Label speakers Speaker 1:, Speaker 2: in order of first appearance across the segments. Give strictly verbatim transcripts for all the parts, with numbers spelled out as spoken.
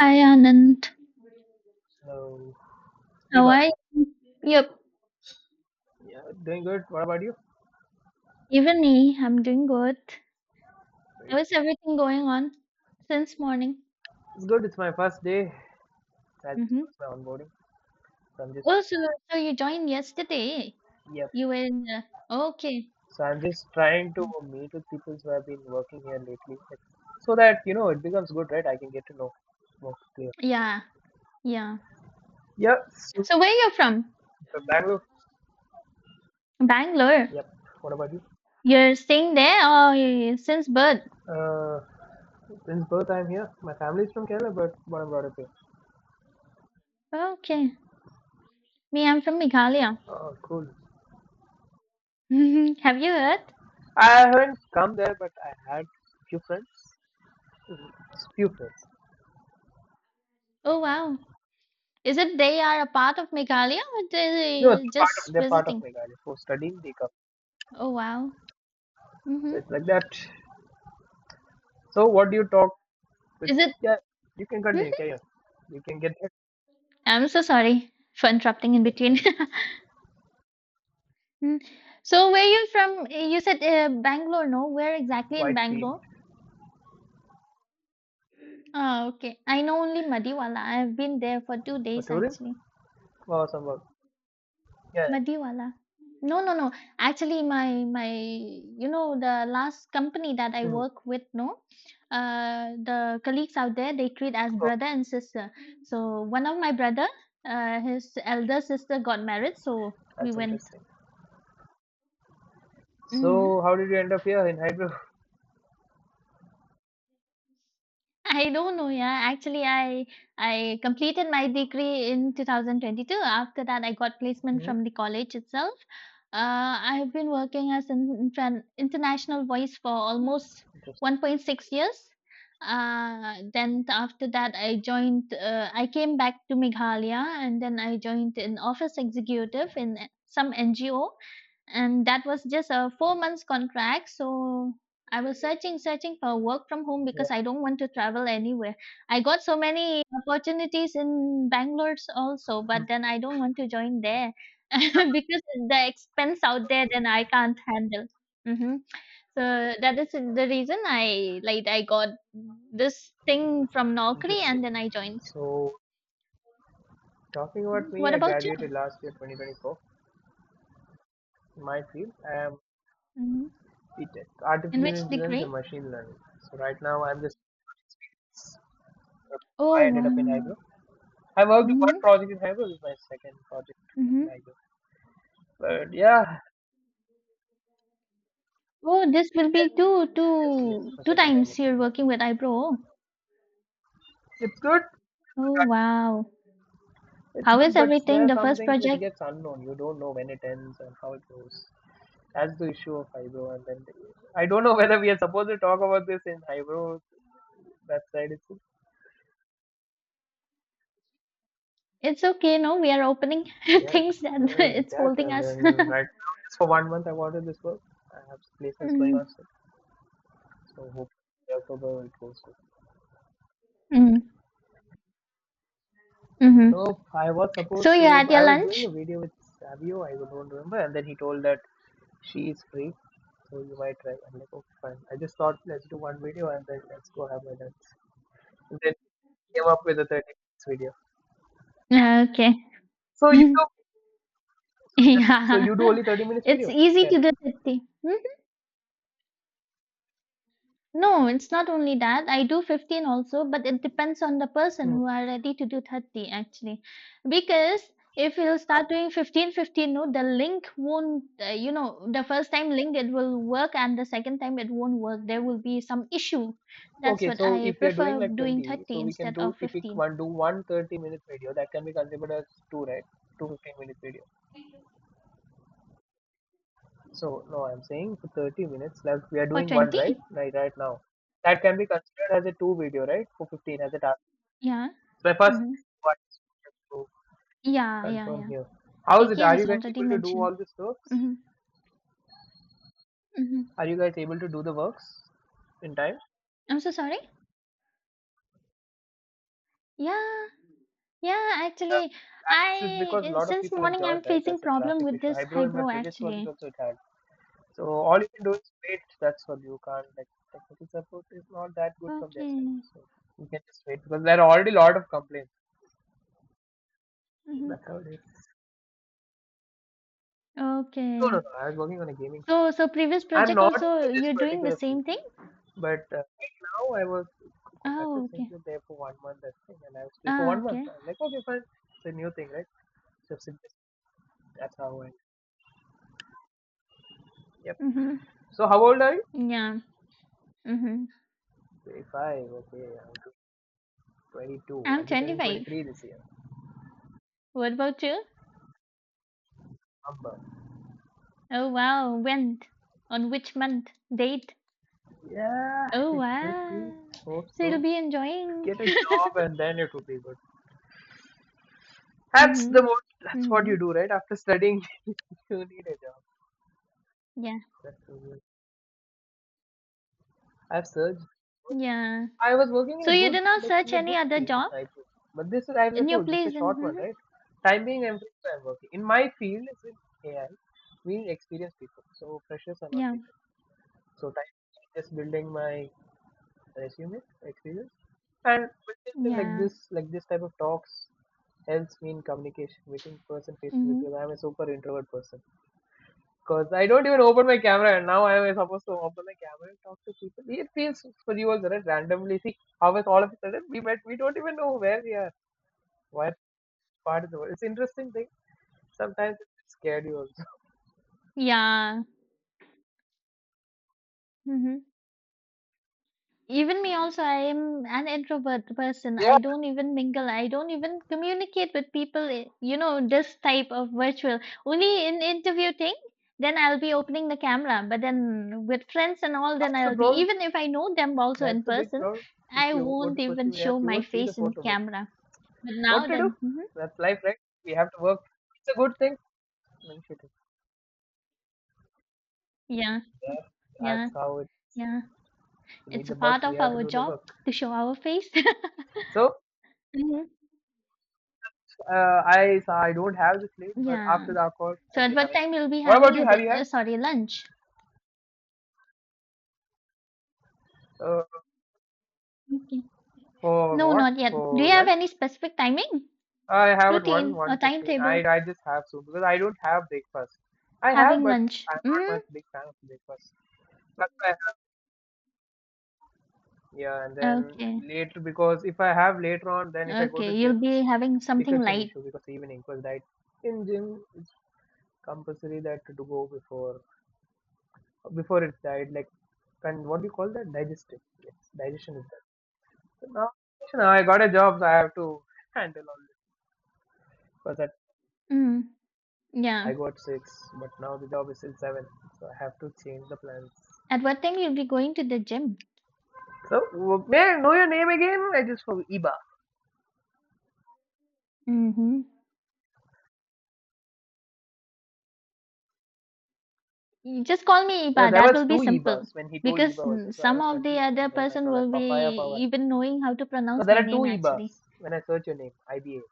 Speaker 1: Hi Anand,
Speaker 2: Hello,
Speaker 1: how
Speaker 2: Iba.
Speaker 1: are you? Yep.
Speaker 2: Yeah, doing good. What about you?
Speaker 1: Even me, I'm doing good.
Speaker 2: Great.
Speaker 1: How is everything going on since morning?
Speaker 2: It's good. It's my first day. I just
Speaker 1: Mm-hmm.
Speaker 2: got my onboarding. So I'm just,
Speaker 1: Oh, so, so you joined yesterday.
Speaker 2: yep.
Speaker 1: You were in the, okay.
Speaker 2: So I'm just trying to meet with people who have been working here lately, so that you know it becomes good, right? I can get to know more clear.
Speaker 1: Yeah, yeah.
Speaker 2: Yeah. So
Speaker 1: So where you're from?
Speaker 2: uh, Bangalore.
Speaker 1: Bangalore.
Speaker 2: Yep. What about you?
Speaker 1: You're staying there or you- since birth?
Speaker 2: Uh, since birth I'm here. My family is from Kerala, but born and brought up here.
Speaker 1: Okay. Me, I'm from Meghalaya.
Speaker 2: Oh, cool.
Speaker 1: Have you heard?
Speaker 2: I haven't come there, but I had few friends. Mhm. Few friends.
Speaker 1: Oh wow. Is it they are a part of Meghalaya or they
Speaker 2: No, they're
Speaker 1: are
Speaker 2: part of
Speaker 1: just
Speaker 2: they're part of
Speaker 1: visiting?
Speaker 2: Meghalaya for studying they come.
Speaker 1: Oh wow.
Speaker 2: So
Speaker 1: Mm-hmm.
Speaker 2: it's like that. So what do you talk with?
Speaker 1: Is it
Speaker 2: Yeah, you can continue.
Speaker 1: Mhm.
Speaker 2: Carry on. You can get that.
Speaker 1: I'm so sorry for interrupting in
Speaker 2: That's
Speaker 1: between.
Speaker 2: fine.
Speaker 1: Mm. So, where you from? You said uh, Bangalore, no? Where exactly in
Speaker 2: Whitefield
Speaker 1: Bangalore? Oh, okay. I know only Madiwala. I've been there for two
Speaker 2: for
Speaker 1: days
Speaker 2: tourism
Speaker 1: actually.
Speaker 2: or some work. Yeah.
Speaker 1: Madiwala. No, no, no. Actually, my my, you know, the last company that I
Speaker 2: Yeah. Hmm.
Speaker 1: work with, no, uh, the colleagues out there, they treat as
Speaker 2: Oh,
Speaker 1: brother and sister. So one of my brother, uh, his elder sister got married, so we
Speaker 2: that's
Speaker 1: went.
Speaker 2: interesting.
Speaker 1: Mm-hmm.
Speaker 2: So how did you end up here in Hyderabad?
Speaker 1: I don't know, yeah. Actually, I I completed my degree in two thousand twenty-two. After that, I got placement
Speaker 2: Hmm.
Speaker 1: from the college itself. Uh, I've been working as an intran- international voice for almost
Speaker 2: Interesting.
Speaker 1: one point six years. Uh, then after that, I joined. Uh, I came back to Meghalaya, and then I joined an office executive in some N G O, and that was just a four months contract, so I was searching searching for work from home
Speaker 2: Yeah.
Speaker 1: because I don't want to travel anywhere. I got so many opportunities in Bangalore also,
Speaker 2: Hmm.
Speaker 1: but then I don't want to join there because the expense out there, then I can't handle. Hmm. So that is the reason, i like i got this thing from Naukri
Speaker 2: Interesting.
Speaker 1: and then I joined.
Speaker 2: So talking about
Speaker 1: Mhm.
Speaker 2: me,
Speaker 1: What
Speaker 2: I
Speaker 1: about you?
Speaker 2: graduated last year, twenty twenty-four. In my field, I am
Speaker 1: Hmm.
Speaker 2: BTech,
Speaker 1: In
Speaker 2: Artificial
Speaker 1: which
Speaker 2: Intelligence
Speaker 1: degree?
Speaker 2: and Machine Learning. So right now, I'm just
Speaker 1: Oh
Speaker 2: I ended up in Hybrid.
Speaker 1: wow.
Speaker 2: I worked one
Speaker 1: Mm-hmm.
Speaker 2: project in Hybrid. This is my second project in Hybrid. But yeah,
Speaker 1: Oh, this will be two,
Speaker 2: yes, yes,
Speaker 1: two,
Speaker 2: my
Speaker 1: two
Speaker 2: second time
Speaker 1: times
Speaker 2: working
Speaker 1: you're
Speaker 2: in Hybrid.
Speaker 1: working with iPro.
Speaker 2: It's good.
Speaker 1: Oh, wow.
Speaker 2: It's
Speaker 1: How
Speaker 2: good,
Speaker 1: is
Speaker 2: but
Speaker 1: everything?
Speaker 2: there are
Speaker 1: The
Speaker 2: some
Speaker 1: first
Speaker 2: things which
Speaker 1: project?
Speaker 2: gets unknown. You don't know when it ends and how it goes. That's the issue of Hybrid. And then I don't know whether we are supposed to talk about this in Hybrid website. It's
Speaker 1: It's okay, no? We are opening
Speaker 2: yeah,
Speaker 1: things that
Speaker 2: uh, like
Speaker 1: it's
Speaker 2: that.
Speaker 1: holding
Speaker 2: And
Speaker 1: us.
Speaker 2: then right now, just for one month, I wanted this work. I have placements going on,
Speaker 1: Mm,
Speaker 2: so so hope October it goes.
Speaker 1: mm, mm-hmm.
Speaker 2: Nope, I was
Speaker 1: So
Speaker 2: supposed
Speaker 1: you
Speaker 2: to.
Speaker 1: had
Speaker 2: I
Speaker 1: your
Speaker 2: was doing a
Speaker 1: lunch?
Speaker 2: video with Savio, I don't remember, and then he told that she is free, so you might try. I'm like, okay, fine. I just thought let's do one video and then let's go have my dance. And then came up with a thirty minutes video.
Speaker 1: Okay.
Speaker 2: So you do just, so
Speaker 1: Yeah.
Speaker 2: you do only thirty minutes
Speaker 1: It's
Speaker 2: video?
Speaker 1: easy to
Speaker 2: ten.
Speaker 1: do that thing. No, it's not only that. I do fifteen also, but it depends on the person
Speaker 2: Hmm.
Speaker 1: who are ready to do thirty actually. Because if you'll start doing fifteen, fifteen, no, the link won't, uh, you know, the first time link it will work and the second time it won't work. There will be some issue. That's
Speaker 2: Okay,
Speaker 1: what
Speaker 2: so
Speaker 1: I
Speaker 2: if we are doing
Speaker 1: prefer
Speaker 2: like
Speaker 1: doing
Speaker 2: twenty,
Speaker 1: thirty
Speaker 2: so we can
Speaker 1: instead
Speaker 2: do
Speaker 1: of
Speaker 2: if we
Speaker 1: fifteen.
Speaker 2: one do one thirty minute video that can be considered as two, right? Two fifteen minute video. So no, I'm saying for thirty minutes left. We are
Speaker 1: For
Speaker 2: doing one right,
Speaker 1: twenty?
Speaker 2: right, right now. That can be considered as a two video, right? For fifteen as a task.
Speaker 1: Yeah.
Speaker 2: So my first
Speaker 1: Mm-hmm.
Speaker 2: one is to
Speaker 1: Yeah, yeah,
Speaker 2: confirm
Speaker 1: yeah.
Speaker 2: here. How is it?
Speaker 1: K K
Speaker 2: Are
Speaker 1: has
Speaker 2: you guys
Speaker 1: already
Speaker 2: able to do
Speaker 1: mentioned.
Speaker 2: all these works?
Speaker 1: Mm-hmm. Mm-hmm.
Speaker 2: Are you guys able to do the works in time?
Speaker 1: I'm so sorry. Yeah. Yeah,
Speaker 2: Yeah.
Speaker 1: actually,
Speaker 2: I guess it's
Speaker 1: I
Speaker 2: because a
Speaker 1: uh,
Speaker 2: lot of
Speaker 1: since
Speaker 2: people have
Speaker 1: morning I'm
Speaker 2: joined, right?
Speaker 1: facing
Speaker 2: That's a
Speaker 1: problem
Speaker 2: traffic
Speaker 1: with
Speaker 2: issue.
Speaker 1: this
Speaker 2: Hybro in my
Speaker 1: eyebrow
Speaker 2: previous project
Speaker 1: actually.
Speaker 2: also it had. So all you can do is wait. That's what you can't like technical support is not that good from their side.
Speaker 1: Okay.
Speaker 2: So you can just wait because there are already a lot of complaints.
Speaker 1: Hmm.
Speaker 2: That's how it is. No, no,
Speaker 1: Okay.
Speaker 2: no. I was working on a gaming field.
Speaker 1: So so previous
Speaker 2: I'm
Speaker 1: project
Speaker 2: not
Speaker 1: also
Speaker 2: into this
Speaker 1: you're doing the
Speaker 2: particular field,
Speaker 1: same thing?
Speaker 2: but uh, right now I was contacted
Speaker 1: Oh,
Speaker 2: saying
Speaker 1: okay.
Speaker 2: that they're for one month that thing, and I was free for
Speaker 1: Ah,
Speaker 2: one month.
Speaker 1: okay.
Speaker 2: I'm like, okay, fine. It's a new thing, right? So it's just- that's how I. Yep.
Speaker 1: Mm-hmm.
Speaker 2: So how old are you?
Speaker 1: Yeah. Mm-hmm.
Speaker 2: twenty-five. Okay, I'm twenty-two.
Speaker 1: I'm
Speaker 2: I'll be turning
Speaker 1: twenty-five.
Speaker 2: twenty-three this year.
Speaker 1: What about you?
Speaker 2: Number.
Speaker 1: Oh wow. When? On which month? Date?
Speaker 2: Yeah,
Speaker 1: Oh
Speaker 2: it should be.
Speaker 1: wow.
Speaker 2: Hope
Speaker 1: So you'll
Speaker 2: so.
Speaker 1: be enjoying.
Speaker 2: Get a job and then it will be good. That's
Speaker 1: Mm-hmm.
Speaker 2: the most. That's what you
Speaker 1: Mm-hmm.
Speaker 2: do, right? After studying, you need a job.
Speaker 1: Yeah.
Speaker 2: That's so weird. I've searched.
Speaker 1: Yeah.
Speaker 2: I was working
Speaker 1: So
Speaker 2: in a
Speaker 1: you
Speaker 2: good,
Speaker 1: did not
Speaker 2: like
Speaker 1: search
Speaker 2: in a
Speaker 1: any
Speaker 2: good
Speaker 1: other
Speaker 2: field in
Speaker 1: job
Speaker 2: Jaipur. But this is, as I
Speaker 1: in your
Speaker 2: told, this is a
Speaker 1: place?
Speaker 2: short one,
Speaker 1: Mm-hmm.
Speaker 2: right? Time being, I'm, I'm working. In my field, it's in A I, meaning experienced people. So freshers are not
Speaker 1: Yeah,
Speaker 2: taken. So time being, just building my resume, experience, and building like
Speaker 1: yeah,
Speaker 2: this, like this type of talks helps me in communication, meeting person face to face.
Speaker 1: hmm,
Speaker 2: Because I'm a super introvert person. Because I don't even open my camera, and now I am supposed to open my camera and talk to people. It feels for you also, right? Randomly, see how is all of a sudden we met. We don't even know where we are, what part of the world. It's interesting thing. Sometimes it's scared you also.
Speaker 1: yeah, hmm. Even me also, I am an introvert person.
Speaker 2: Yeah,
Speaker 1: I don't even mingle. I don't even communicate with people. i- You know, this type of virtual. Only in interview thing, then I'll be opening the camera. But then with friends and all, then
Speaker 2: that's the
Speaker 1: I'll be,
Speaker 2: problem.
Speaker 1: even if I know them also
Speaker 2: That's
Speaker 1: in
Speaker 2: the big
Speaker 1: person,
Speaker 2: problem. If
Speaker 1: I
Speaker 2: you go to
Speaker 1: won't
Speaker 2: social
Speaker 1: even
Speaker 2: media,
Speaker 1: show
Speaker 2: you
Speaker 1: my
Speaker 2: won't see the
Speaker 1: face in
Speaker 2: photo. But
Speaker 1: camera. But now
Speaker 2: what to do?
Speaker 1: then, hmm,
Speaker 2: That's life, right? We have to work. It's a good thing. I mean, shit,
Speaker 1: yeah,
Speaker 2: yeah,
Speaker 1: yeah,
Speaker 2: that's how it.
Speaker 1: yeah.
Speaker 2: We need
Speaker 1: It's a
Speaker 2: the
Speaker 1: part
Speaker 2: bugs.
Speaker 1: of
Speaker 2: We have to
Speaker 1: our
Speaker 2: do the
Speaker 1: job
Speaker 2: work.
Speaker 1: to show our face.
Speaker 2: So
Speaker 1: Hmm.
Speaker 2: Uh, I so I don't have the slate, but after
Speaker 1: Yeah.
Speaker 2: the call,
Speaker 1: So
Speaker 2: I'll
Speaker 1: at
Speaker 2: be
Speaker 1: what
Speaker 2: having it.
Speaker 1: time you'll be
Speaker 2: What
Speaker 1: having
Speaker 2: about you?
Speaker 1: your
Speaker 2: Have
Speaker 1: din-
Speaker 2: you had
Speaker 1: uh, sorry, lunch?
Speaker 2: uh,
Speaker 1: Okay.
Speaker 2: for
Speaker 1: No,
Speaker 2: what
Speaker 1: not yet. Do you
Speaker 2: for
Speaker 1: have
Speaker 2: lunch?
Speaker 1: any specific timing,
Speaker 2: I have at one
Speaker 1: routine, or
Speaker 2: one fifteen. I
Speaker 1: timetable
Speaker 2: I just have soon because I don't have breakfast. I have,
Speaker 1: having
Speaker 2: but
Speaker 1: lunch?
Speaker 2: I'm not
Speaker 1: Mm,
Speaker 2: much big fan of breakfast. That's why I have yeah, and then
Speaker 1: okay,
Speaker 2: later because if I have later on, then if I go to
Speaker 1: okay. You'll
Speaker 2: gyms,
Speaker 1: be having something
Speaker 2: becomes an
Speaker 1: light.
Speaker 2: issue because evening because diet in gym it's compulsory that to go before before it died, like, and what do you call that? Digestive. Yes, digestion is that. So now, so now I got a job, so I have to handle all this. Because at,
Speaker 1: Mm, yeah.
Speaker 2: I got six, but now the job is still seven, so I have to change the plans.
Speaker 1: At what time you'll be going to the gym?
Speaker 2: So, w- may I know your name again? I just for Iba.
Speaker 1: Mm-hmm. You just call me
Speaker 2: Yeah,
Speaker 1: Iba.
Speaker 2: there
Speaker 1: That
Speaker 2: was
Speaker 1: will be
Speaker 2: two
Speaker 1: simple
Speaker 2: Ibas when he told
Speaker 1: because
Speaker 2: Iba was there,
Speaker 1: mm,
Speaker 2: so I
Speaker 1: some
Speaker 2: was
Speaker 1: of the
Speaker 2: confused.
Speaker 1: other
Speaker 2: And then I
Speaker 1: person
Speaker 2: saw that
Speaker 1: will
Speaker 2: Papaya
Speaker 1: be
Speaker 2: Power.
Speaker 1: even knowing how to
Speaker 2: So
Speaker 1: pronounce
Speaker 2: there
Speaker 1: my
Speaker 2: are two
Speaker 1: name actually.
Speaker 2: Ibas when I search your name, I B A.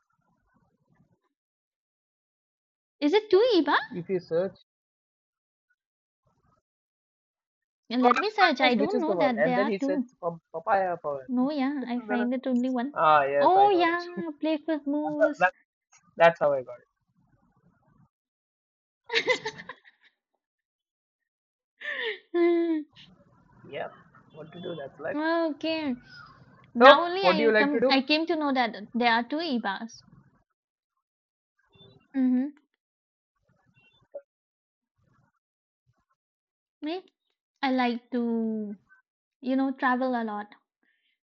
Speaker 1: Is it two Iba?
Speaker 2: If you search, so I
Speaker 1: Let me
Speaker 2: was
Speaker 1: search. I
Speaker 2: confused which
Speaker 1: don't
Speaker 2: is the
Speaker 1: know
Speaker 2: one.
Speaker 1: that
Speaker 2: And
Speaker 1: there
Speaker 2: then
Speaker 1: are
Speaker 2: he said
Speaker 1: two.
Speaker 2: Pap- Papaya Power.
Speaker 1: No, yeah, I find it only one.
Speaker 2: Ah, yes, I
Speaker 1: Oh,
Speaker 2: got it.
Speaker 1: yeah, play with Moose.
Speaker 2: that, that's how I got
Speaker 1: Hmm,
Speaker 2: it. Yeah, what to do, that's life.
Speaker 1: okay.
Speaker 2: So,
Speaker 1: Now only
Speaker 2: what do you
Speaker 1: I
Speaker 2: like to
Speaker 1: come
Speaker 2: do?
Speaker 1: I came to know that there are two Ibas. Mm-hmm. Me, I like to, you know, travel a lot,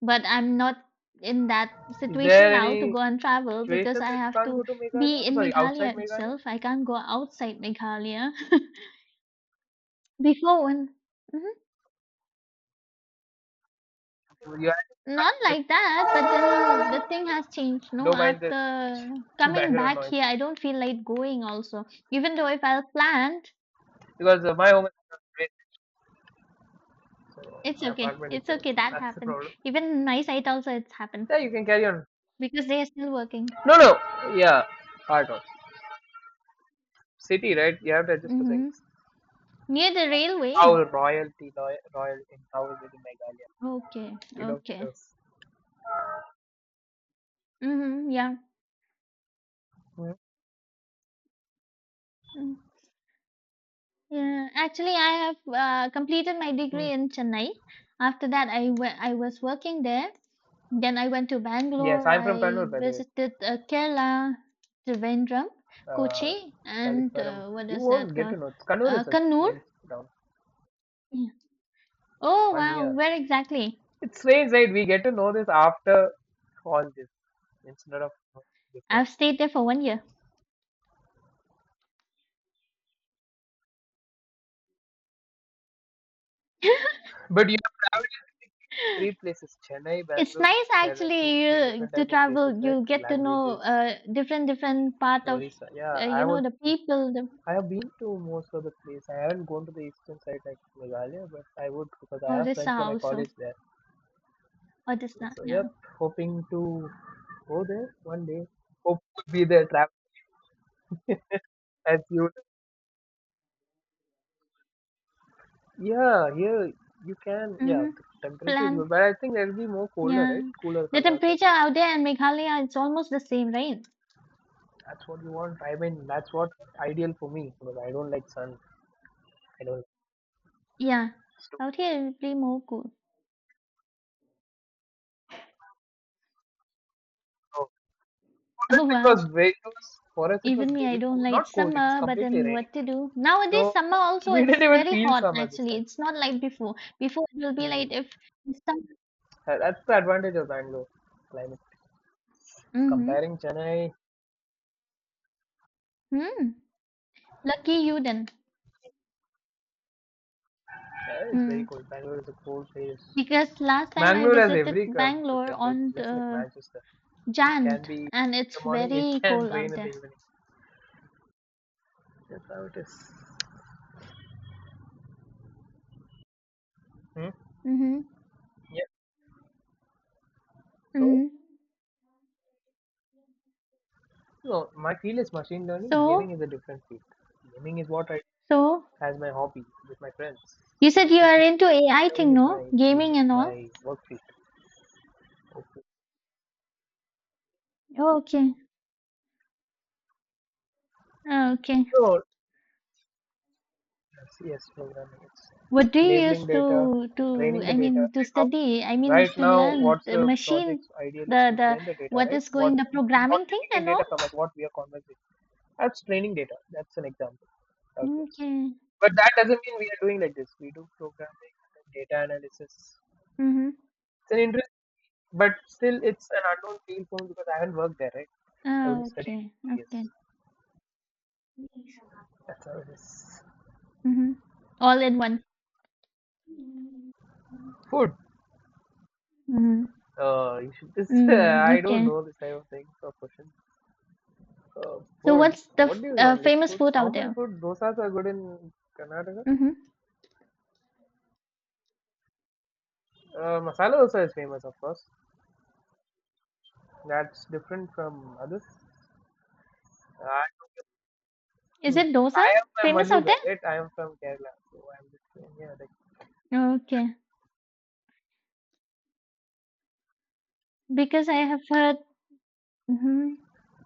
Speaker 1: but I'm not in that
Speaker 2: Is
Speaker 1: situation
Speaker 2: there
Speaker 1: now to
Speaker 2: any
Speaker 1: go and travel because
Speaker 2: situation
Speaker 1: I
Speaker 2: that you
Speaker 1: have
Speaker 2: can't go
Speaker 1: to
Speaker 2: to Meghalaya?
Speaker 1: be in
Speaker 2: Sorry, outside
Speaker 1: Meghalaya
Speaker 2: Meghalaya?
Speaker 1: itself. I can't go outside Meghalaya. Before when Mhm.
Speaker 2: You have
Speaker 1: Not
Speaker 2: to,
Speaker 1: like that, but then the thing has changed. No,
Speaker 2: don't mind this
Speaker 1: after coming
Speaker 2: background
Speaker 1: back
Speaker 2: noise
Speaker 1: here, I don't feel like going also. Even though if I'll planned,
Speaker 2: because uh, my home is great, so
Speaker 1: it's
Speaker 2: my
Speaker 1: okay.
Speaker 2: apartment is
Speaker 1: It's
Speaker 2: there.
Speaker 1: okay.
Speaker 2: So
Speaker 1: That
Speaker 2: that's the
Speaker 1: happened.
Speaker 2: problem.
Speaker 1: Even in my site also it's happened
Speaker 2: Yeah, you can carry on.
Speaker 1: because they are still working.
Speaker 2: No, no, yeah, part of city, right? You have to adjust to things.
Speaker 1: Mm-hmm. Near the railway.
Speaker 2: How royalty, royal, royal in how is it in Meghalaya?
Speaker 1: Okay.
Speaker 2: You don't get
Speaker 1: Okay.
Speaker 2: those.
Speaker 1: Mm-hmm. Yeah.
Speaker 2: Hmm?
Speaker 1: Mm-hmm. Yeah, actually, I have uh, completed my
Speaker 2: Hmm.
Speaker 1: degree in Chennai. After that, I wa- I was working there. Then I went to
Speaker 2: Yes,
Speaker 1: Bangalore.
Speaker 2: I'm from
Speaker 1: I
Speaker 2: Kannur, by the way.
Speaker 1: visited uh, Kerala, Trivandrum,
Speaker 2: Uh,
Speaker 1: Kochi, and
Speaker 2: Kalipuram.
Speaker 1: uh, what
Speaker 2: You
Speaker 1: is that
Speaker 2: won't get to
Speaker 1: called?
Speaker 2: know. Kannur
Speaker 1: Uh,
Speaker 2: is a
Speaker 1: Kannur.
Speaker 2: main town.
Speaker 1: Yeah. Oh
Speaker 2: One
Speaker 1: wow,
Speaker 2: year.
Speaker 1: where exactly?
Speaker 2: It's strange, right? We get to know this after all this instead of before.
Speaker 1: I've stayed there for one year.
Speaker 2: But you have traveled three places: Chennai,
Speaker 1: It's
Speaker 2: Bangalore,
Speaker 1: nice
Speaker 2: Kerala. Two,
Speaker 1: actually
Speaker 2: three
Speaker 1: you,
Speaker 2: different
Speaker 1: to
Speaker 2: type of places,
Speaker 1: travel.
Speaker 2: right?
Speaker 1: You get to know
Speaker 2: Languages,
Speaker 1: uh, different different part of
Speaker 2: stories. Yeah,
Speaker 1: uh,
Speaker 2: I
Speaker 1: you
Speaker 2: have
Speaker 1: know
Speaker 2: also.
Speaker 1: the people, the
Speaker 2: I have been to most of the place. I haven't gone to the eastern side like Meghalaya, but I would because I have
Speaker 1: Orissa
Speaker 2: friends from my
Speaker 1: also.
Speaker 2: college there.
Speaker 1: Orissa,
Speaker 2: So
Speaker 1: yeah.
Speaker 2: yep, hoping to go there one day. Hope to be there travel as you. Yeah, here you can. Yeah,
Speaker 1: Mhm.
Speaker 2: the temperature is
Speaker 1: Plan
Speaker 2: good, but I think there'll be more colder,
Speaker 1: yeah.
Speaker 2: right? Cooler
Speaker 1: The
Speaker 2: from your side.
Speaker 1: temperature out there in Meghalaya, it's almost the same, right?
Speaker 2: That's what you want. I mean, that's what ideal for me because I don't like sun. I don't.
Speaker 1: Yeah.
Speaker 2: It's
Speaker 1: Out here, it'll be more cool.
Speaker 2: oh. For us,
Speaker 1: Oh,
Speaker 2: it
Speaker 1: wow.
Speaker 2: was very. It was, for us, it was
Speaker 1: Even me, I
Speaker 2: very
Speaker 1: don't
Speaker 2: cold. Not
Speaker 1: like
Speaker 2: cold. It was
Speaker 1: summer, but
Speaker 2: completely
Speaker 1: then
Speaker 2: raining.
Speaker 1: what to do? Nowadays,
Speaker 2: So
Speaker 1: summer also,
Speaker 2: we didn't
Speaker 1: it's
Speaker 2: even
Speaker 1: very
Speaker 2: feel
Speaker 1: hot,
Speaker 2: summer this
Speaker 1: actually.
Speaker 2: time.
Speaker 1: It's not like before. Before, it will be
Speaker 2: Hmm.
Speaker 1: like if summer.
Speaker 2: That- That's the advantage of Bangalore climate.
Speaker 1: Mm-hmm.
Speaker 2: Comparing Chennai.
Speaker 1: Mm. Lucky you then.
Speaker 2: Yeah, it's very
Speaker 1: Mm.
Speaker 2: cold. Bangalore is a cold place.
Speaker 1: Because last time I
Speaker 2: Mangalore has
Speaker 1: visited
Speaker 2: every com-
Speaker 1: Bangalore
Speaker 2: temperature,
Speaker 1: on
Speaker 2: just like
Speaker 1: the
Speaker 2: Manchester. It
Speaker 1: Jan,
Speaker 2: can be in
Speaker 1: and it's
Speaker 2: the morning, it
Speaker 1: very
Speaker 2: can
Speaker 1: cold
Speaker 2: rain
Speaker 1: out
Speaker 2: in the
Speaker 1: there.
Speaker 2: evening. That's how it is. Hmm?
Speaker 1: Mm-hmm.
Speaker 2: Yeah. So,
Speaker 1: Mm-hmm.
Speaker 2: no, my field is machine learning.
Speaker 1: So,
Speaker 2: Gaming is a different field. Gaming is what I
Speaker 1: so
Speaker 2: as my hobby with my friends.
Speaker 1: you
Speaker 2: So
Speaker 1: said you
Speaker 2: machine
Speaker 1: are
Speaker 2: field
Speaker 1: into A I
Speaker 2: learning
Speaker 1: thing,
Speaker 2: is
Speaker 1: no?
Speaker 2: my field,
Speaker 1: Gaming and all.
Speaker 2: my work field. Okay.
Speaker 1: Oh, okay. Ah, okay.
Speaker 2: So, yes, yes, programming, it's
Speaker 1: What do you
Speaker 2: labeling
Speaker 1: use
Speaker 2: data,
Speaker 1: to
Speaker 2: training
Speaker 1: to
Speaker 2: the
Speaker 1: I
Speaker 2: data,
Speaker 1: mean to
Speaker 2: like how
Speaker 1: study? I
Speaker 2: right
Speaker 1: mean to
Speaker 2: now,
Speaker 1: learn
Speaker 2: what's
Speaker 1: the
Speaker 2: the
Speaker 1: machine,
Speaker 2: project's ideal is
Speaker 1: the
Speaker 2: to
Speaker 1: the
Speaker 2: train the data,
Speaker 1: what
Speaker 2: right,
Speaker 1: is
Speaker 2: what
Speaker 1: going the
Speaker 2: what
Speaker 1: programming
Speaker 2: we're
Speaker 1: thing
Speaker 2: taking
Speaker 1: and
Speaker 2: data from,
Speaker 1: all.
Speaker 2: like what we are conversing, that's training data, that's an example how it works.
Speaker 1: Okay.
Speaker 2: But that doesn't mean we are doing like this, we do programming, data analysis.
Speaker 1: Mm-hmm.
Speaker 2: It's an interest, but still it's an unknown field for me because I haven't worked there, right? I
Speaker 1: Ah,
Speaker 2: only studied
Speaker 1: okay.
Speaker 2: for years.
Speaker 1: Okay.
Speaker 2: That's how it is.
Speaker 1: Mm-hmm. All in one.
Speaker 2: Food.
Speaker 1: Mm-hmm.
Speaker 2: Uh you should this.
Speaker 1: Mm,
Speaker 2: I don't
Speaker 1: okay.
Speaker 2: know this type of things or questions. Uh,
Speaker 1: So
Speaker 2: food.
Speaker 1: what's the
Speaker 2: What
Speaker 1: f-
Speaker 2: do you
Speaker 1: uh,
Speaker 2: want? Like
Speaker 1: famous
Speaker 2: food,
Speaker 1: food out
Speaker 2: normal
Speaker 1: there?
Speaker 2: food. Dosas are good in Karnataka.
Speaker 1: Mm-hmm.
Speaker 2: Uh, masala dosa is famous, of course. That's different from others. I,
Speaker 1: Is
Speaker 2: hmm.
Speaker 1: it
Speaker 2: I
Speaker 1: dosa?
Speaker 2: am a
Speaker 1: Famous
Speaker 2: Malu
Speaker 1: out
Speaker 2: guy,
Speaker 1: there?
Speaker 2: right? I am from Kerala, so I'm just saying, yeah, like
Speaker 1: Okay. Because I have heard, mhm.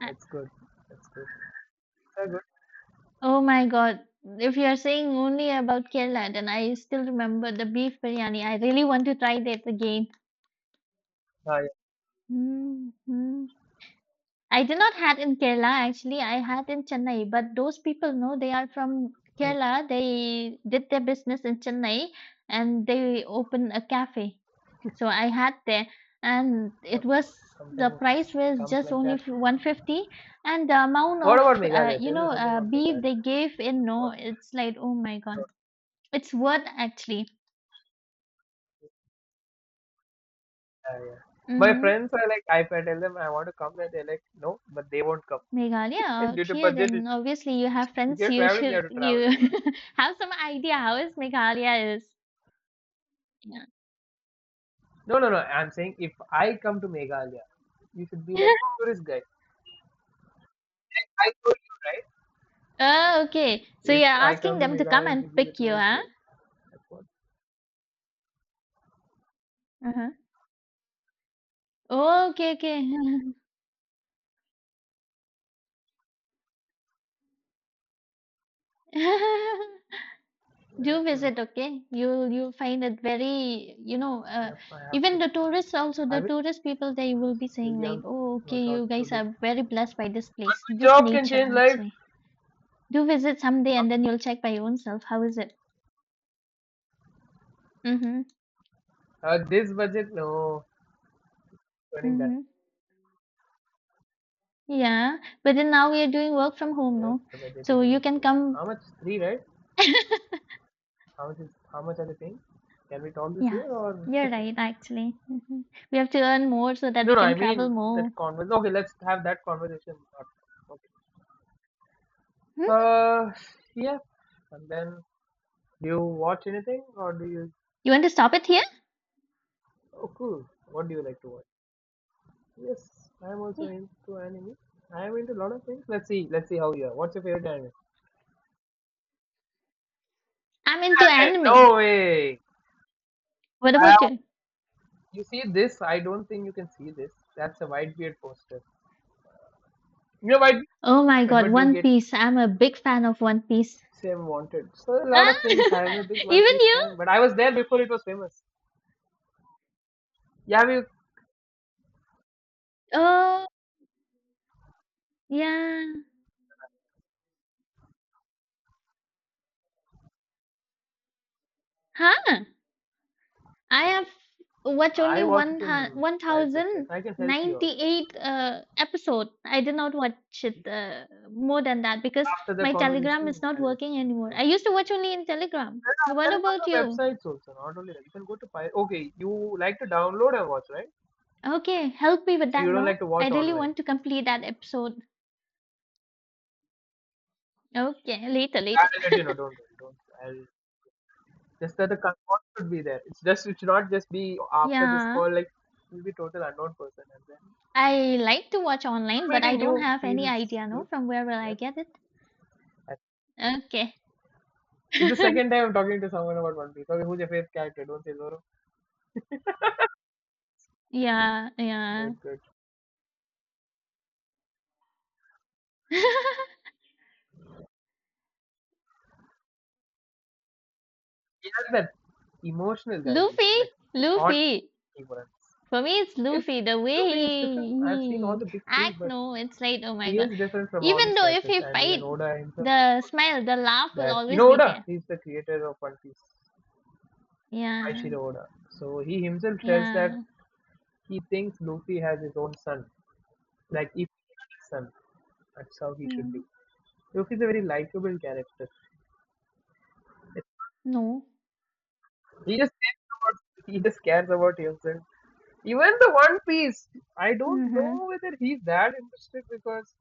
Speaker 1: Uh,
Speaker 2: it's good. It's good. It's good.
Speaker 1: oh my God, if you are saying only about Kerala, then I still remember the beef biryani. I really want to try that again.
Speaker 2: Ah, yeah.
Speaker 1: Hmm. I did not had in Kerala actually. I had in Chennai, but those people know they are from
Speaker 2: Hmm.
Speaker 1: Kerala. They did their business in Chennai and they opened a cafe. So I had there, and it
Speaker 2: Yep.
Speaker 1: was the
Speaker 2: Something
Speaker 1: price was
Speaker 2: comes
Speaker 1: just
Speaker 2: like
Speaker 1: only
Speaker 2: that.
Speaker 1: f- one fifty, and the amount
Speaker 2: What
Speaker 1: of
Speaker 2: about
Speaker 1: uh,
Speaker 2: Meghalaya?
Speaker 1: you
Speaker 2: Tell me
Speaker 1: know
Speaker 2: something
Speaker 1: uh,
Speaker 2: about
Speaker 1: beef
Speaker 2: Meghalaya.
Speaker 1: they gave in. No,
Speaker 2: What?
Speaker 1: it's like oh my god,
Speaker 2: what-
Speaker 1: it's worth actually.
Speaker 2: ah, yeah. My
Speaker 1: Mm-hmm.
Speaker 2: friends are like, if I tell them I want to come, and they're like, no, but they won't
Speaker 1: Meghalaya
Speaker 2: come due
Speaker 1: out
Speaker 2: to
Speaker 1: here,
Speaker 2: budget.
Speaker 1: then obviously you have
Speaker 2: If
Speaker 1: friends.
Speaker 2: you're
Speaker 1: You
Speaker 2: traveling, you
Speaker 1: should
Speaker 2: have to travel
Speaker 1: you
Speaker 2: alone.
Speaker 1: have some idea how is Meghalaya is. Yeah.
Speaker 2: No, no, no. I'm saying if I come to Meghalaya, you should be like tourist guide. Like I told you, right?
Speaker 1: Oh, okay. So
Speaker 2: If
Speaker 1: you're
Speaker 2: I come
Speaker 1: asking
Speaker 2: to
Speaker 1: them to come
Speaker 2: Meghalaya, you should
Speaker 1: and
Speaker 2: be the
Speaker 1: pick you,
Speaker 2: tourist
Speaker 1: huh?
Speaker 2: guide. That's what.
Speaker 1: Uh-huh. Okay, okay. Do
Speaker 2: That's going
Speaker 1: visit, okay? you'll you'll find it very, you know, uh,
Speaker 2: yep, I have to.
Speaker 1: even the tourists also,
Speaker 2: I
Speaker 1: the
Speaker 2: will
Speaker 1: tourist people, they will be
Speaker 2: still
Speaker 1: saying like,
Speaker 2: young.
Speaker 1: oh okay,
Speaker 2: Not lot
Speaker 1: you
Speaker 2: to
Speaker 1: guys
Speaker 2: do.
Speaker 1: are very blessed by this place,
Speaker 2: One
Speaker 1: this
Speaker 2: job can
Speaker 1: nature
Speaker 2: change life.
Speaker 1: actually. Do visit someday and then you'll check by your own self how is it. Mm-hmm.
Speaker 2: Uh, this budget, no. Turning that.
Speaker 1: Mm-hmm. Yeah. But then now we are doing work from home,
Speaker 2: Yep,
Speaker 1: no?
Speaker 2: the budget is
Speaker 1: So
Speaker 2: an
Speaker 1: you can
Speaker 2: issue.
Speaker 1: come.
Speaker 2: How much? Three, right? How much is? How much are they paying? Can we talk this
Speaker 1: Yeah,
Speaker 2: year or?
Speaker 1: you're right actually. Hmm. We have to earn more so that
Speaker 2: No,
Speaker 1: we
Speaker 2: no, I
Speaker 1: can travel
Speaker 2: mean that
Speaker 1: more.
Speaker 2: conversation. Okay, let's have that conversation. Okay.
Speaker 1: Hmm?
Speaker 2: Uh, yeah. And then, do you watch anything or do you?
Speaker 1: You want to stop it here?
Speaker 2: Oh, cool. What do you like to watch? Yes, I'm also
Speaker 1: Yeah.
Speaker 2: into anime. I'm into a lot of things. Let's see. Let's see how you are. What's your favorite anime?
Speaker 1: I'm into
Speaker 2: Hey,
Speaker 1: anime.
Speaker 2: no way.
Speaker 1: What
Speaker 2: I have,
Speaker 1: about you?
Speaker 2: you see this? I don't think you can see this. That's a Whitebeard poster. You know Whitebeard?
Speaker 1: Oh my god,
Speaker 2: Edward
Speaker 1: One
Speaker 2: Newgate.
Speaker 1: Piece. I'm a big fan of One Piece.
Speaker 2: Same wanted. So a lot of
Speaker 1: Ah,
Speaker 2: things. I am a big One
Speaker 1: even
Speaker 2: Piece
Speaker 1: you?
Speaker 2: fan, but I was there before it was famous. Yeah, we
Speaker 1: Oh, yeah. Huh? I have watched
Speaker 2: I
Speaker 1: only
Speaker 2: watch
Speaker 1: one
Speaker 2: it in five websites. I can help you out.
Speaker 1: one thousand ninety-eight uh, episode. I did not watch it uh, more than that because
Speaker 2: After the
Speaker 1: my Telegram
Speaker 2: conversation,
Speaker 1: is not
Speaker 2: I'll help
Speaker 1: working anymore.
Speaker 2: you. Okay.
Speaker 1: I used to watch only in Telegram.
Speaker 2: There are
Speaker 1: What
Speaker 2: there is
Speaker 1: about
Speaker 2: other
Speaker 1: you?
Speaker 2: websites also, not only that. You can go to Pi. Okay, you like to download and watch, right?
Speaker 1: Okay, help me with
Speaker 2: So
Speaker 1: that,
Speaker 2: you don't like
Speaker 1: no?
Speaker 2: to
Speaker 1: I
Speaker 2: watch
Speaker 1: really
Speaker 2: online.
Speaker 1: want to complete that episode. Okay, later,
Speaker 2: I'll
Speaker 1: later.
Speaker 2: let you know. Don't worry. Don't. I'll just that the content should be there. It's just it should not just be after this
Speaker 1: Yeah.
Speaker 2: call. Like you'll be total unknown person, and then
Speaker 1: I like to watch online, but I
Speaker 2: meeting
Speaker 1: don't
Speaker 2: you
Speaker 1: have any
Speaker 2: feels
Speaker 1: idea, no,
Speaker 2: good.
Speaker 1: from where will I
Speaker 2: Yep.
Speaker 1: get it? Okay.
Speaker 2: It's the second time I'm talking to someone about One Piece. Okay, who's your favorite character? Don't say Zoro.
Speaker 1: Yeah, yeah.
Speaker 2: Good, good. He has that emotional guy. He's
Speaker 1: Luffy,
Speaker 2: like odd
Speaker 1: Luffy.
Speaker 2: he runs.
Speaker 1: For me, it's
Speaker 2: It's
Speaker 1: Luffy. The way
Speaker 2: Luffy is
Speaker 1: he,
Speaker 2: different. I've seen all
Speaker 1: he
Speaker 2: the big three,
Speaker 1: act,
Speaker 2: but
Speaker 1: no, it's like, oh my
Speaker 2: he
Speaker 1: god.
Speaker 2: is different from all
Speaker 1: Even
Speaker 2: these
Speaker 1: though if
Speaker 2: characters,
Speaker 1: he
Speaker 2: and even
Speaker 1: fight,
Speaker 2: Oda himself.
Speaker 1: the smile, the laugh will
Speaker 2: That you
Speaker 1: always
Speaker 2: know,
Speaker 1: be
Speaker 2: Oda,
Speaker 1: there.
Speaker 2: he's the creator of One Piece,
Speaker 1: Yeah,
Speaker 2: Eiichiro Oda. So he himself tells that
Speaker 1: yeah.
Speaker 2: he thinks Luffy has his own son, like if he had a son, that's how he should be.
Speaker 1: Mm,
Speaker 2: Luffy is a very likable character.
Speaker 1: no.
Speaker 2: He just cares about, he just cares about himself. Even the One Piece, I don't
Speaker 1: Mm-hmm.
Speaker 2: know whether he's that interested because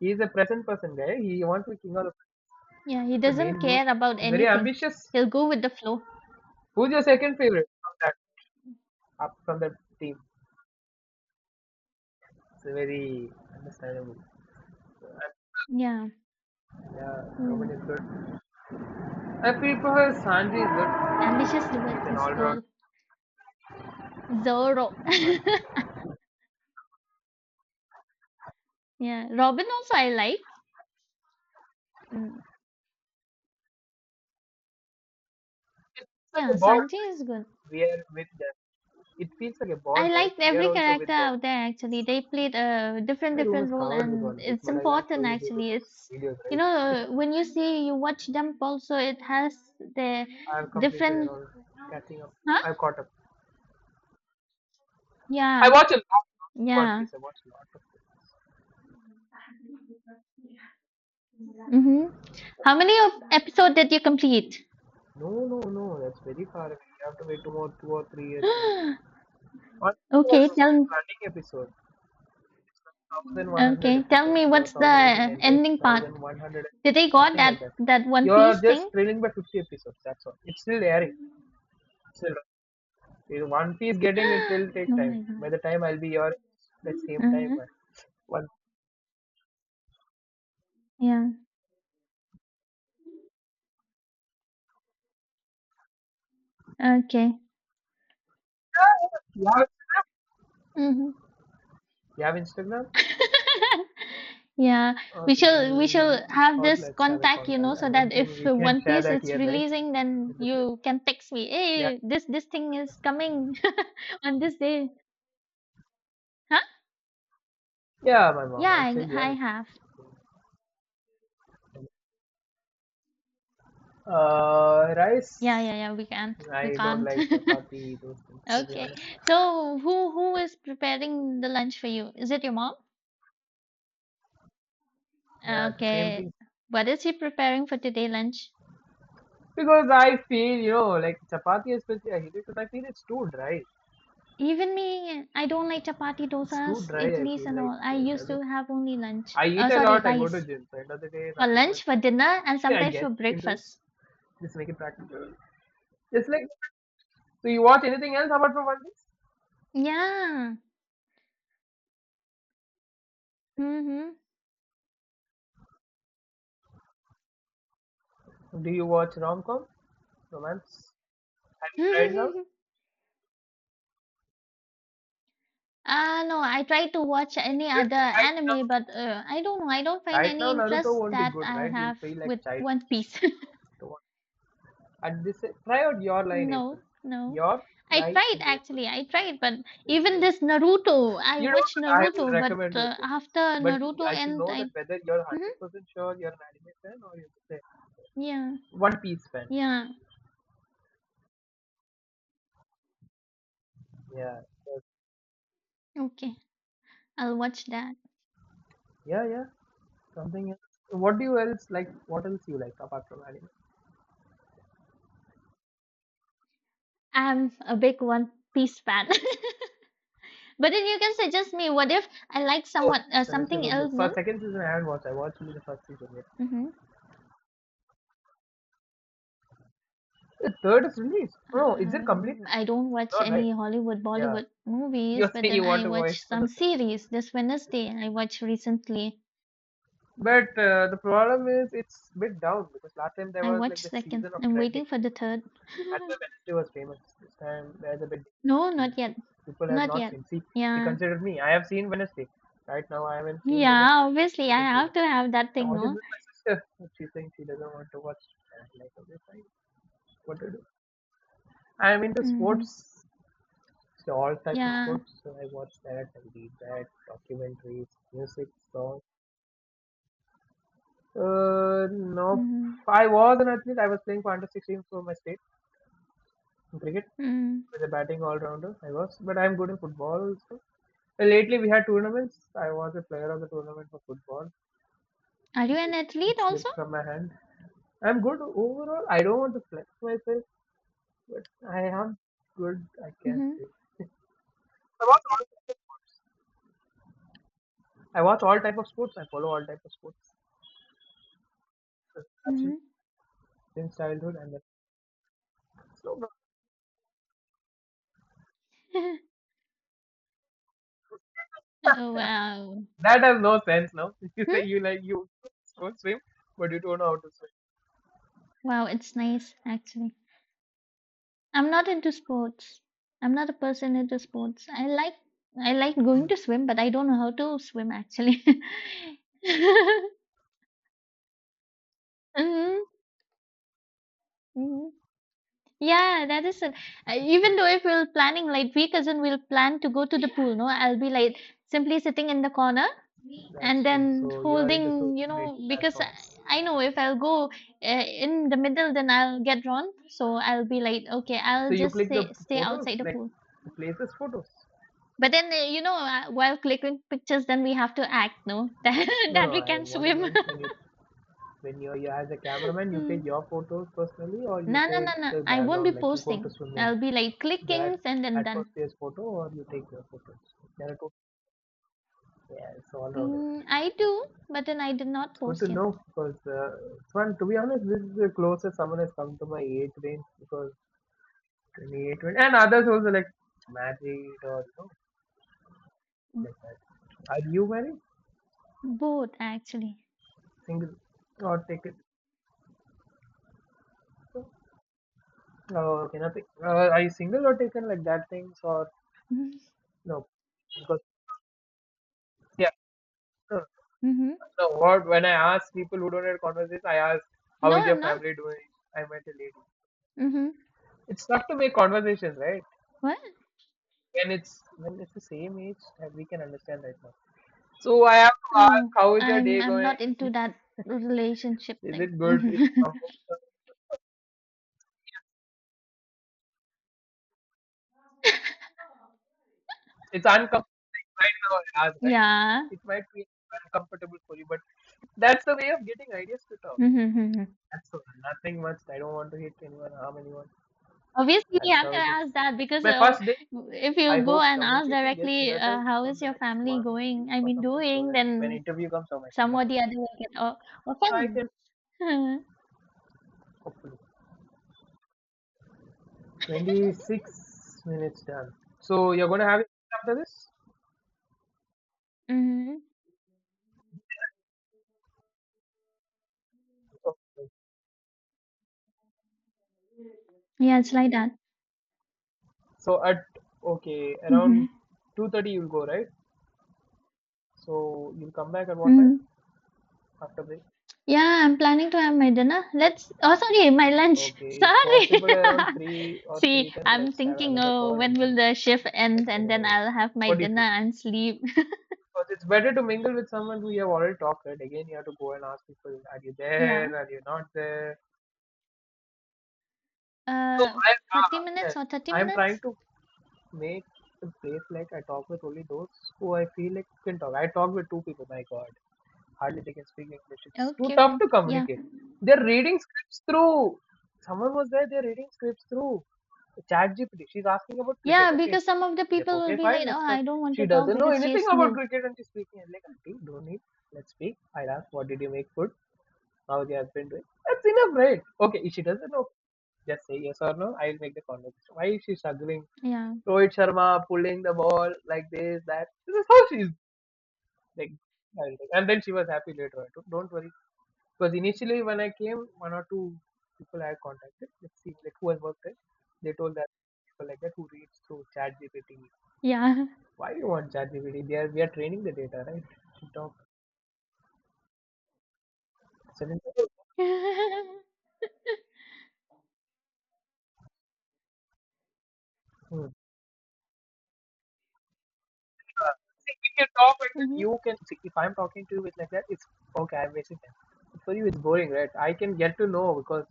Speaker 2: he's a present person guy. He wants to be king of the,
Speaker 1: Yeah, he
Speaker 2: present, the
Speaker 1: doesn't
Speaker 2: main goal.
Speaker 1: care about
Speaker 2: He's very
Speaker 1: anything.
Speaker 2: ambitious.
Speaker 1: He'll go with the flow.
Speaker 2: Who's your second favorite from that up from the team? It's very understandable. So, I-
Speaker 1: Yeah.
Speaker 2: yeah, Robin
Speaker 1: Mm.
Speaker 2: is good. I feel prefer Sanji is good.
Speaker 1: Ambitious towards
Speaker 2: He's an
Speaker 1: his
Speaker 2: all-round
Speaker 1: goal. Zoro.
Speaker 2: man.
Speaker 1: Yeah, Robin also I like. Mm,
Speaker 2: It feels like a
Speaker 1: yeah,
Speaker 2: bond,
Speaker 1: Sanjay
Speaker 2: right?
Speaker 1: is good.
Speaker 2: We are with them. It feels like a
Speaker 1: I
Speaker 2: bond, right?
Speaker 1: liked
Speaker 2: We are
Speaker 1: every
Speaker 2: also with
Speaker 1: character
Speaker 2: them.
Speaker 1: out there actually. They played a different
Speaker 2: My room
Speaker 1: different
Speaker 2: is
Speaker 1: role
Speaker 2: covered with
Speaker 1: and
Speaker 2: One Piece,
Speaker 1: it's
Speaker 2: but I can't show
Speaker 1: important
Speaker 2: you due to
Speaker 1: actually. It's,
Speaker 2: these videos,
Speaker 1: you know,
Speaker 2: right?
Speaker 1: uh, when you see you watch Dump also, it has the
Speaker 2: I have completed and
Speaker 1: different
Speaker 2: all, catching up.
Speaker 1: huh?
Speaker 2: I've caught up. I
Speaker 1: Yeah.
Speaker 2: watch a lot of One
Speaker 1: Yeah.
Speaker 2: Piece. I watch a lot of it.
Speaker 1: Mhm. How many of episode did you complete?
Speaker 2: No, no, no. That's very far away. You have to wait two more, two or three years now. One Piece
Speaker 1: Okay,
Speaker 2: was still
Speaker 1: tell
Speaker 2: running episode. one thousand one hundred
Speaker 1: okay, tell
Speaker 2: episode.
Speaker 1: me
Speaker 2: You're one
Speaker 1: what's
Speaker 2: thousand eighteen
Speaker 1: the
Speaker 2: hundred, right?
Speaker 1: ending part?
Speaker 2: one thousand one hundred,
Speaker 1: Did they got
Speaker 2: something
Speaker 1: that
Speaker 2: like that.
Speaker 1: that One
Speaker 2: You're
Speaker 1: Piece
Speaker 2: just
Speaker 1: thing?
Speaker 2: trailing by fifty episodes. That's all. It's still airing. It's still if One Piece getting it will take
Speaker 1: Oh
Speaker 2: time.
Speaker 1: my
Speaker 2: By
Speaker 1: god.
Speaker 2: the time I'll be your the same time.
Speaker 1: Hmm.
Speaker 2: Uh, One.
Speaker 1: Yeah. Okay.
Speaker 2: You have
Speaker 1: Hmm.
Speaker 2: you have Instagram?
Speaker 1: Yeah. We
Speaker 2: Okay,
Speaker 1: shall we
Speaker 2: then
Speaker 1: shall
Speaker 2: it's
Speaker 1: have
Speaker 2: called
Speaker 1: this
Speaker 2: Let's Have a
Speaker 1: contact, you know,
Speaker 2: Contact. I
Speaker 1: so
Speaker 2: don't
Speaker 1: that
Speaker 2: think
Speaker 1: if
Speaker 2: we
Speaker 1: uh,
Speaker 2: can
Speaker 1: One
Speaker 2: share
Speaker 1: Piece
Speaker 2: that
Speaker 1: is
Speaker 2: here, right?
Speaker 1: releasing, then
Speaker 2: In this, like,
Speaker 1: you can text me.
Speaker 2: yeah,
Speaker 1: Hey, this this thing is coming on this day. Huh?
Speaker 2: yeah, my mom.
Speaker 1: Yeah,
Speaker 2: I'm still
Speaker 1: I,
Speaker 2: young.
Speaker 1: I have.
Speaker 2: Uh,
Speaker 1: Yeah,
Speaker 2: rice.
Speaker 1: yeah, yeah. We can't. We
Speaker 2: I don't
Speaker 1: can't.
Speaker 2: like chapati, those things, to be
Speaker 1: Okay.
Speaker 2: honest.
Speaker 1: So who who is preparing the lunch for you? Is it your mom? Ah,
Speaker 2: Yeah, the same
Speaker 1: okay.
Speaker 2: thing.
Speaker 1: What is he preparing for today lunch?
Speaker 2: Because I feel, you know, like chapati especially, I hate it because I feel it's too dry.
Speaker 1: Even me, I don't like chapati,
Speaker 2: It's too
Speaker 1: dosas,
Speaker 2: dry, I
Speaker 1: idlis,
Speaker 2: feel
Speaker 1: and
Speaker 2: like.
Speaker 1: all. I
Speaker 2: It
Speaker 1: used
Speaker 2: doesn't...
Speaker 1: to have only lunch.
Speaker 2: I eat
Speaker 1: Oh,
Speaker 2: a
Speaker 1: sorry,
Speaker 2: lot, I go to
Speaker 1: rice.
Speaker 2: gym, so end of the day,
Speaker 1: For
Speaker 2: nothing much.
Speaker 1: lunch, for dinner, and
Speaker 2: Yeah, I
Speaker 1: sometimes
Speaker 2: get
Speaker 1: for
Speaker 2: into it.
Speaker 1: breakfast.
Speaker 2: Just make it practical. Just like, so you watch anything else apart from One Piece?
Speaker 1: Yeah. Mm-hmm.
Speaker 2: Do you watch rom-com, romance? Have you tried now?
Speaker 1: Ah, no, I try to watch any other
Speaker 2: Right now,
Speaker 1: anime, but uh, I don't know. I don't find
Speaker 2: right
Speaker 1: any
Speaker 2: now Naruto
Speaker 1: interest
Speaker 2: won't be
Speaker 1: that
Speaker 2: good,
Speaker 1: I
Speaker 2: right? You'll
Speaker 1: have
Speaker 2: feel like
Speaker 1: with
Speaker 2: child.
Speaker 1: One Piece.
Speaker 2: At this, try out your lie in April.
Speaker 1: No, no.
Speaker 2: Your
Speaker 1: I
Speaker 2: lie
Speaker 1: tried
Speaker 2: in April.
Speaker 1: actually. I tried, but
Speaker 2: It's
Speaker 1: even
Speaker 2: good.
Speaker 1: this Naruto, I
Speaker 2: You know,
Speaker 1: watched
Speaker 2: that I will
Speaker 1: Naruto, but
Speaker 2: recommend you
Speaker 1: uh,
Speaker 2: things,
Speaker 1: after
Speaker 2: but
Speaker 1: Naruto
Speaker 2: I should
Speaker 1: end,
Speaker 2: know that
Speaker 1: I
Speaker 2: whether you're
Speaker 1: mhm.
Speaker 2: one hundred percent sure you're an anime fan or you're just a
Speaker 1: Yeah,
Speaker 2: One Piece fan.
Speaker 1: yeah.
Speaker 2: Yeah, yes.
Speaker 1: Okay, I'll watch that.
Speaker 2: Yeah, yeah. Something else. What do you else like? What else you like apart from anime?
Speaker 1: I'm a big One Piece fan. But then you can suggest me. What if I like
Speaker 2: Oh
Speaker 1: someone uh,
Speaker 2: yes, Wednesday
Speaker 1: something
Speaker 2: was good.
Speaker 1: else in?
Speaker 2: First, second season I haven't watched. I watched only the first season yet.
Speaker 1: Hmm.
Speaker 2: The third is released. Oh, no, is it complete?
Speaker 1: Um, I don't watch
Speaker 2: Not right.
Speaker 1: any Hollywood,
Speaker 2: Yeah.
Speaker 1: Bollywood movies,
Speaker 2: You're
Speaker 1: but
Speaker 2: saying
Speaker 1: then
Speaker 2: you want
Speaker 1: I
Speaker 2: to watch
Speaker 1: watch
Speaker 2: for the
Speaker 1: some
Speaker 2: third.
Speaker 1: series. This Wednesday, I watched recently.
Speaker 2: But uh, the problem is it's a bit down because last time there
Speaker 1: I
Speaker 2: was like the
Speaker 1: watched second.
Speaker 2: season of
Speaker 1: I'm
Speaker 2: trending.
Speaker 1: waiting for the third.
Speaker 2: That's why Wednesday was famous. This time there's a bit
Speaker 1: No, not yet.
Speaker 2: people have
Speaker 1: Not
Speaker 2: not
Speaker 1: yet.
Speaker 2: seen. See, you
Speaker 1: Yeah.
Speaker 2: considered me. I have seen Wednesday. Right now I haven't seen
Speaker 1: Yeah,
Speaker 2: Wednesday, the
Speaker 1: obviously I
Speaker 2: second season.
Speaker 1: have to have that
Speaker 2: I
Speaker 1: thing,
Speaker 2: watched it
Speaker 1: no?
Speaker 2: with my sister, but she's saying she doesn't want to watch. And I'm like, okay, fine. What to do? I'm into
Speaker 1: Mm-hmm.
Speaker 2: sports, so all type of
Speaker 1: Yeah.
Speaker 2: sports. So I watch that, I read that, documentaries, music, songs. Uh, no,
Speaker 1: Mm-hmm.
Speaker 2: I was an athlete. I was playing for under sixteen for my state in cricket
Speaker 1: Mm.
Speaker 2: as a batting all rounder. I was, but I'm good in football also. Uh, Lately, we had tournaments. I was a player of the tournament for football.
Speaker 1: Are you
Speaker 2: It,
Speaker 1: an
Speaker 2: it
Speaker 1: athlete also?
Speaker 2: slipped from my hand. I'm good overall. I don't want to flex myself, but I am good. I can
Speaker 1: Mm-hmm.
Speaker 2: say. I watch all type of sports. I watch all type of sports. I follow all type of sports. That's
Speaker 1: Mm-hmm.
Speaker 2: it. Since childhood, and then.
Speaker 1: Oh, wow.
Speaker 2: That has no sense now. You
Speaker 1: Hmm?
Speaker 2: say you like you don't swim, but you don't know how to swim.
Speaker 1: Wow, it's nice actually. I'm not into sports. I'm not a person into sports. I like I like going to swim, but I don't know how to swim actually. Mm-hmm. Yeah, that is it. Uh,
Speaker 2: Interesting.
Speaker 1: Even though if we're planning, like we cousin will plan to go to the pool, no, I'll be like simply sitting in the corner and
Speaker 2: That's true.
Speaker 1: then
Speaker 2: So you're into social
Speaker 1: holding, you
Speaker 2: media
Speaker 1: know, because I
Speaker 2: platforms.
Speaker 1: I know if I'll go uh, in the middle, then I'll get drawn. So I'll be like, okay,
Speaker 2: So
Speaker 1: I'll
Speaker 2: you
Speaker 1: just
Speaker 2: click the
Speaker 1: stay stay
Speaker 2: photos,
Speaker 1: outside the
Speaker 2: like
Speaker 1: pool.
Speaker 2: the places photos.
Speaker 1: But then, uh, you know, uh, while clicking pictures, then we have to act, no, that
Speaker 2: No,
Speaker 1: that
Speaker 2: no.
Speaker 1: we
Speaker 2: I
Speaker 1: can
Speaker 2: what I
Speaker 1: swim.
Speaker 2: meant when you when you're, you as a cameraman, you
Speaker 1: Mm.
Speaker 2: take your photos personally, or
Speaker 1: No,
Speaker 2: you
Speaker 1: no,
Speaker 2: take
Speaker 1: no, no.
Speaker 2: the
Speaker 1: I won't be
Speaker 2: background, like you go to
Speaker 1: posting.
Speaker 2: swimming,
Speaker 1: I'll be like
Speaker 2: that
Speaker 1: clickings and then done.
Speaker 2: atmosphere's photo, or you take your photos. There are two. Yeah, it's all rounded.
Speaker 1: Mm, I do, but then I did
Speaker 2: It's
Speaker 1: not
Speaker 2: good to
Speaker 1: post yet.
Speaker 2: know because, uh, Swan, to be honest, this is the closest someone has come to my age range because twenty-eight, twenty, and others also like married or you know,
Speaker 1: B-
Speaker 2: like that. Are you married?
Speaker 1: Both actually.
Speaker 2: Single or taken? Oh, okay, nothing. Uh, are you single or taken like that things or
Speaker 1: Mm-hmm.
Speaker 2: no? Because yeah, no,
Speaker 1: Mm-hmm.
Speaker 2: no, what when I ask people who don't have conversations, I ask how
Speaker 1: No,
Speaker 2: is your
Speaker 1: I'm not.
Speaker 2: family doing? I met a lady.
Speaker 1: Mm-hmm.
Speaker 2: It's tough to make conversations, right?
Speaker 1: What?
Speaker 2: When it's when it's the same age, and we can understand right now. So I have to ask,
Speaker 1: No,
Speaker 2: how is your
Speaker 1: I'm
Speaker 2: day
Speaker 1: I'm
Speaker 2: going?
Speaker 1: not into that relationship
Speaker 2: Is
Speaker 1: thing.
Speaker 2: it good? It's comfortable. It's uncomfortable right now, I ask, right?
Speaker 1: Yeah.
Speaker 2: It might be uncomfortable for you, but that's the way of getting ideas to talk.
Speaker 1: Mm-hmm. Mm-hmm.
Speaker 2: That's all. Nothing much. I don't want to hit anyone, harm anyone.
Speaker 1: Obviously, you
Speaker 2: That's
Speaker 1: have
Speaker 2: how
Speaker 1: to
Speaker 2: it is.
Speaker 1: ask that
Speaker 2: It's
Speaker 1: because
Speaker 2: my
Speaker 1: uh,
Speaker 2: first day.
Speaker 1: if
Speaker 2: I
Speaker 1: you go
Speaker 2: hope
Speaker 1: and ask
Speaker 2: communication gets
Speaker 1: directly,
Speaker 2: better
Speaker 1: uh, how
Speaker 2: from
Speaker 1: is
Speaker 2: the
Speaker 1: your
Speaker 2: next
Speaker 1: family
Speaker 2: one
Speaker 1: going?
Speaker 2: week
Speaker 1: I
Speaker 2: or
Speaker 1: mean,
Speaker 2: something, so
Speaker 1: doing,
Speaker 2: that when
Speaker 1: then
Speaker 2: interview comes, on my
Speaker 1: some or
Speaker 2: camera's
Speaker 1: the other will get o-
Speaker 2: something. So I
Speaker 1: offended.
Speaker 2: can hopefully. twenty-six minutes done. So you're gonna have it after
Speaker 1: Mm-hmm.
Speaker 2: this?
Speaker 1: Yeah, it's like that.
Speaker 2: So at okay,
Speaker 1: Mm-hmm.
Speaker 2: around two thirty you'll go, right? So you'll come back at what time?
Speaker 1: Mm-hmm.
Speaker 2: After break?
Speaker 1: Yeah, I'm planning to have my dinner. Let's, oh, sorry, my lunch.
Speaker 2: Okay, if
Speaker 1: Sorry.
Speaker 2: possible around three or
Speaker 1: See,
Speaker 2: three ten,
Speaker 1: I'm
Speaker 2: let's have
Speaker 1: thinking,
Speaker 2: another call
Speaker 1: oh, when
Speaker 2: and then
Speaker 1: will the shift end?
Speaker 2: let's get
Speaker 1: And
Speaker 2: it
Speaker 1: then
Speaker 2: over.
Speaker 1: I'll have my
Speaker 2: What do you
Speaker 1: dinner
Speaker 2: feel?
Speaker 1: and sleep.
Speaker 2: Because it's better to mingle with someone who you have already talked, right? Again, you have to go and ask people, are you
Speaker 1: Yeah.
Speaker 2: there? Are you not there? No,
Speaker 1: Uh,
Speaker 2: I
Speaker 1: forty
Speaker 2: uh, yes,
Speaker 1: minutes or thirty
Speaker 2: I'm trying
Speaker 1: minutes?
Speaker 2: to make the place like I talk with only those who I feel like can talk. I talked with two people. My God, hardly they can speak English. It's too
Speaker 1: Okay,
Speaker 2: tough
Speaker 1: fine.
Speaker 2: to
Speaker 1: Yeah.
Speaker 2: communicate. They're reading scripts through. Someone was there. They're reading scripts through ChatGPT. She's asking about
Speaker 1: Yeah,
Speaker 2: cricket. Okay,
Speaker 1: because some of the
Speaker 2: like
Speaker 1: people will
Speaker 2: okay,
Speaker 1: be
Speaker 2: fine.
Speaker 1: like, oh,
Speaker 2: Let's talk.
Speaker 1: I don't want
Speaker 2: She
Speaker 1: to talk
Speaker 2: doesn't know
Speaker 1: because she
Speaker 2: anything
Speaker 1: is
Speaker 2: about
Speaker 1: new.
Speaker 2: cricket and she's speaking. I'm like, auntie, don't need. Let's speak. I'll ask, what did you make food? How your husband doing? That's enough, right? Okay, if she doesn't know, just say yes or no. I'll make the conversation. Why is she struggling?
Speaker 1: Yeah.
Speaker 2: Rohit Sharma pulling the ball like this, that. This is how she's like. And then she was happy later on. Don't don't worry because initially when I came, one or two people I contacted, let's see, like who has worked there, they told that people like that who reads through ChatGPT.
Speaker 1: Yeah.
Speaker 2: Why you want ChatGPT? They are we are training the data, right? To talk. Suddenly, hmm. Uh, see, if you talk like that,
Speaker 1: Hmm.
Speaker 2: you can. See, if I'm talking to you with like that, it's okay. I'm wasting time. For you, it's boring, right? I can get to know because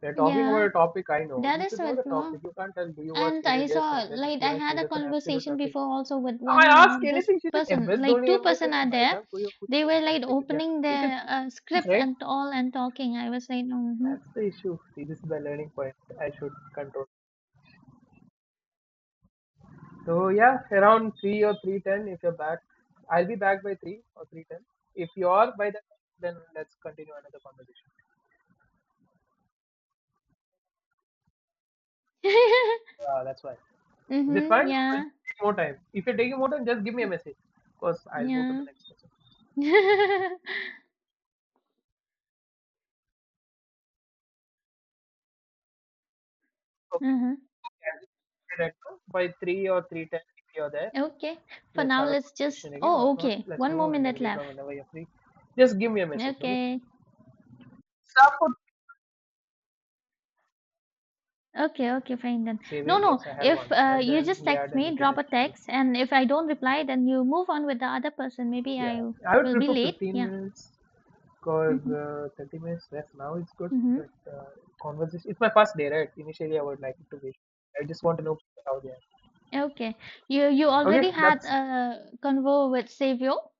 Speaker 2: we are talking about
Speaker 1: Yeah.
Speaker 2: a topic I know.
Speaker 1: That
Speaker 2: You
Speaker 1: is
Speaker 2: should know the
Speaker 1: what,
Speaker 2: topic.
Speaker 1: no?
Speaker 2: You can't tell. Do you watch
Speaker 1: And I
Speaker 2: Religious?
Speaker 1: saw,
Speaker 2: And then if
Speaker 1: like,
Speaker 2: you
Speaker 1: I
Speaker 2: are,
Speaker 1: had
Speaker 2: she
Speaker 1: a
Speaker 2: doesn't absolute
Speaker 1: conversation
Speaker 2: nothing.
Speaker 1: before also with
Speaker 2: I
Speaker 1: one
Speaker 2: ask
Speaker 1: of this
Speaker 2: anything, she's like, M S
Speaker 1: person, like,
Speaker 2: Dhoni,
Speaker 1: two
Speaker 2: M S
Speaker 1: person
Speaker 2: Dhoni,
Speaker 1: are
Speaker 2: bhai saab,
Speaker 1: there.
Speaker 2: koi aur kuch
Speaker 1: They
Speaker 2: ho
Speaker 1: were
Speaker 2: can
Speaker 1: like
Speaker 2: speak. It. Yes,
Speaker 1: opening
Speaker 2: you can
Speaker 1: their
Speaker 2: speak,
Speaker 1: uh, script
Speaker 2: right?
Speaker 1: and all and talking. I was like, mm-hmm.
Speaker 2: That's the issue. See, this is the learning point I should control. So yeah, around three or three ten. If you're back, I'll be back by three or three ten. If you are by that, then let's continue another conversation. Uh, that's why. Is it
Speaker 1: Mm-hmm,
Speaker 2: fine? Or you
Speaker 1: yeah,
Speaker 2: take more time. If you're taking more time, just give me a message. Because I'll move to the
Speaker 1: yeah.
Speaker 2: next person. Okay.
Speaker 1: Mm-hmm.
Speaker 2: Okay, I'll be right now, by three or three ten, if you're there.
Speaker 1: Okay, for
Speaker 2: Let's
Speaker 1: now,
Speaker 2: have a
Speaker 1: let's just,
Speaker 2: conversation again, or
Speaker 1: oh,
Speaker 2: if not,
Speaker 1: okay,
Speaker 2: let's
Speaker 1: one more
Speaker 2: move and then
Speaker 1: minute
Speaker 2: later
Speaker 1: left.
Speaker 2: on, whenever you're free, just give me a message, okay?
Speaker 1: Okay.
Speaker 2: Stop for
Speaker 1: Okay, okay, fine then.
Speaker 2: Savior,
Speaker 1: No, no,
Speaker 2: yes, I had
Speaker 1: if
Speaker 2: one,
Speaker 1: uh,
Speaker 2: and
Speaker 1: you
Speaker 2: then
Speaker 1: just
Speaker 2: he had
Speaker 1: text
Speaker 2: an
Speaker 1: me, drop
Speaker 2: internet
Speaker 1: a
Speaker 2: issue.
Speaker 1: text, and if I don't reply, then you move on with the other person. Maybe
Speaker 2: Yeah,
Speaker 1: I
Speaker 2: I would
Speaker 1: will be
Speaker 2: prefer
Speaker 1: late.
Speaker 2: fifteen
Speaker 1: Yeah.
Speaker 2: minutes because
Speaker 1: Mm-hmm.
Speaker 2: uh, thirty minutes less now is good, but
Speaker 1: Mm-hmm.
Speaker 2: uh, conversation it's my first day, right? Initially, I would like it to be. I just want to know how they are.
Speaker 1: Okay. You you already
Speaker 2: Okay,
Speaker 1: had
Speaker 2: that's
Speaker 1: a convo with Savio.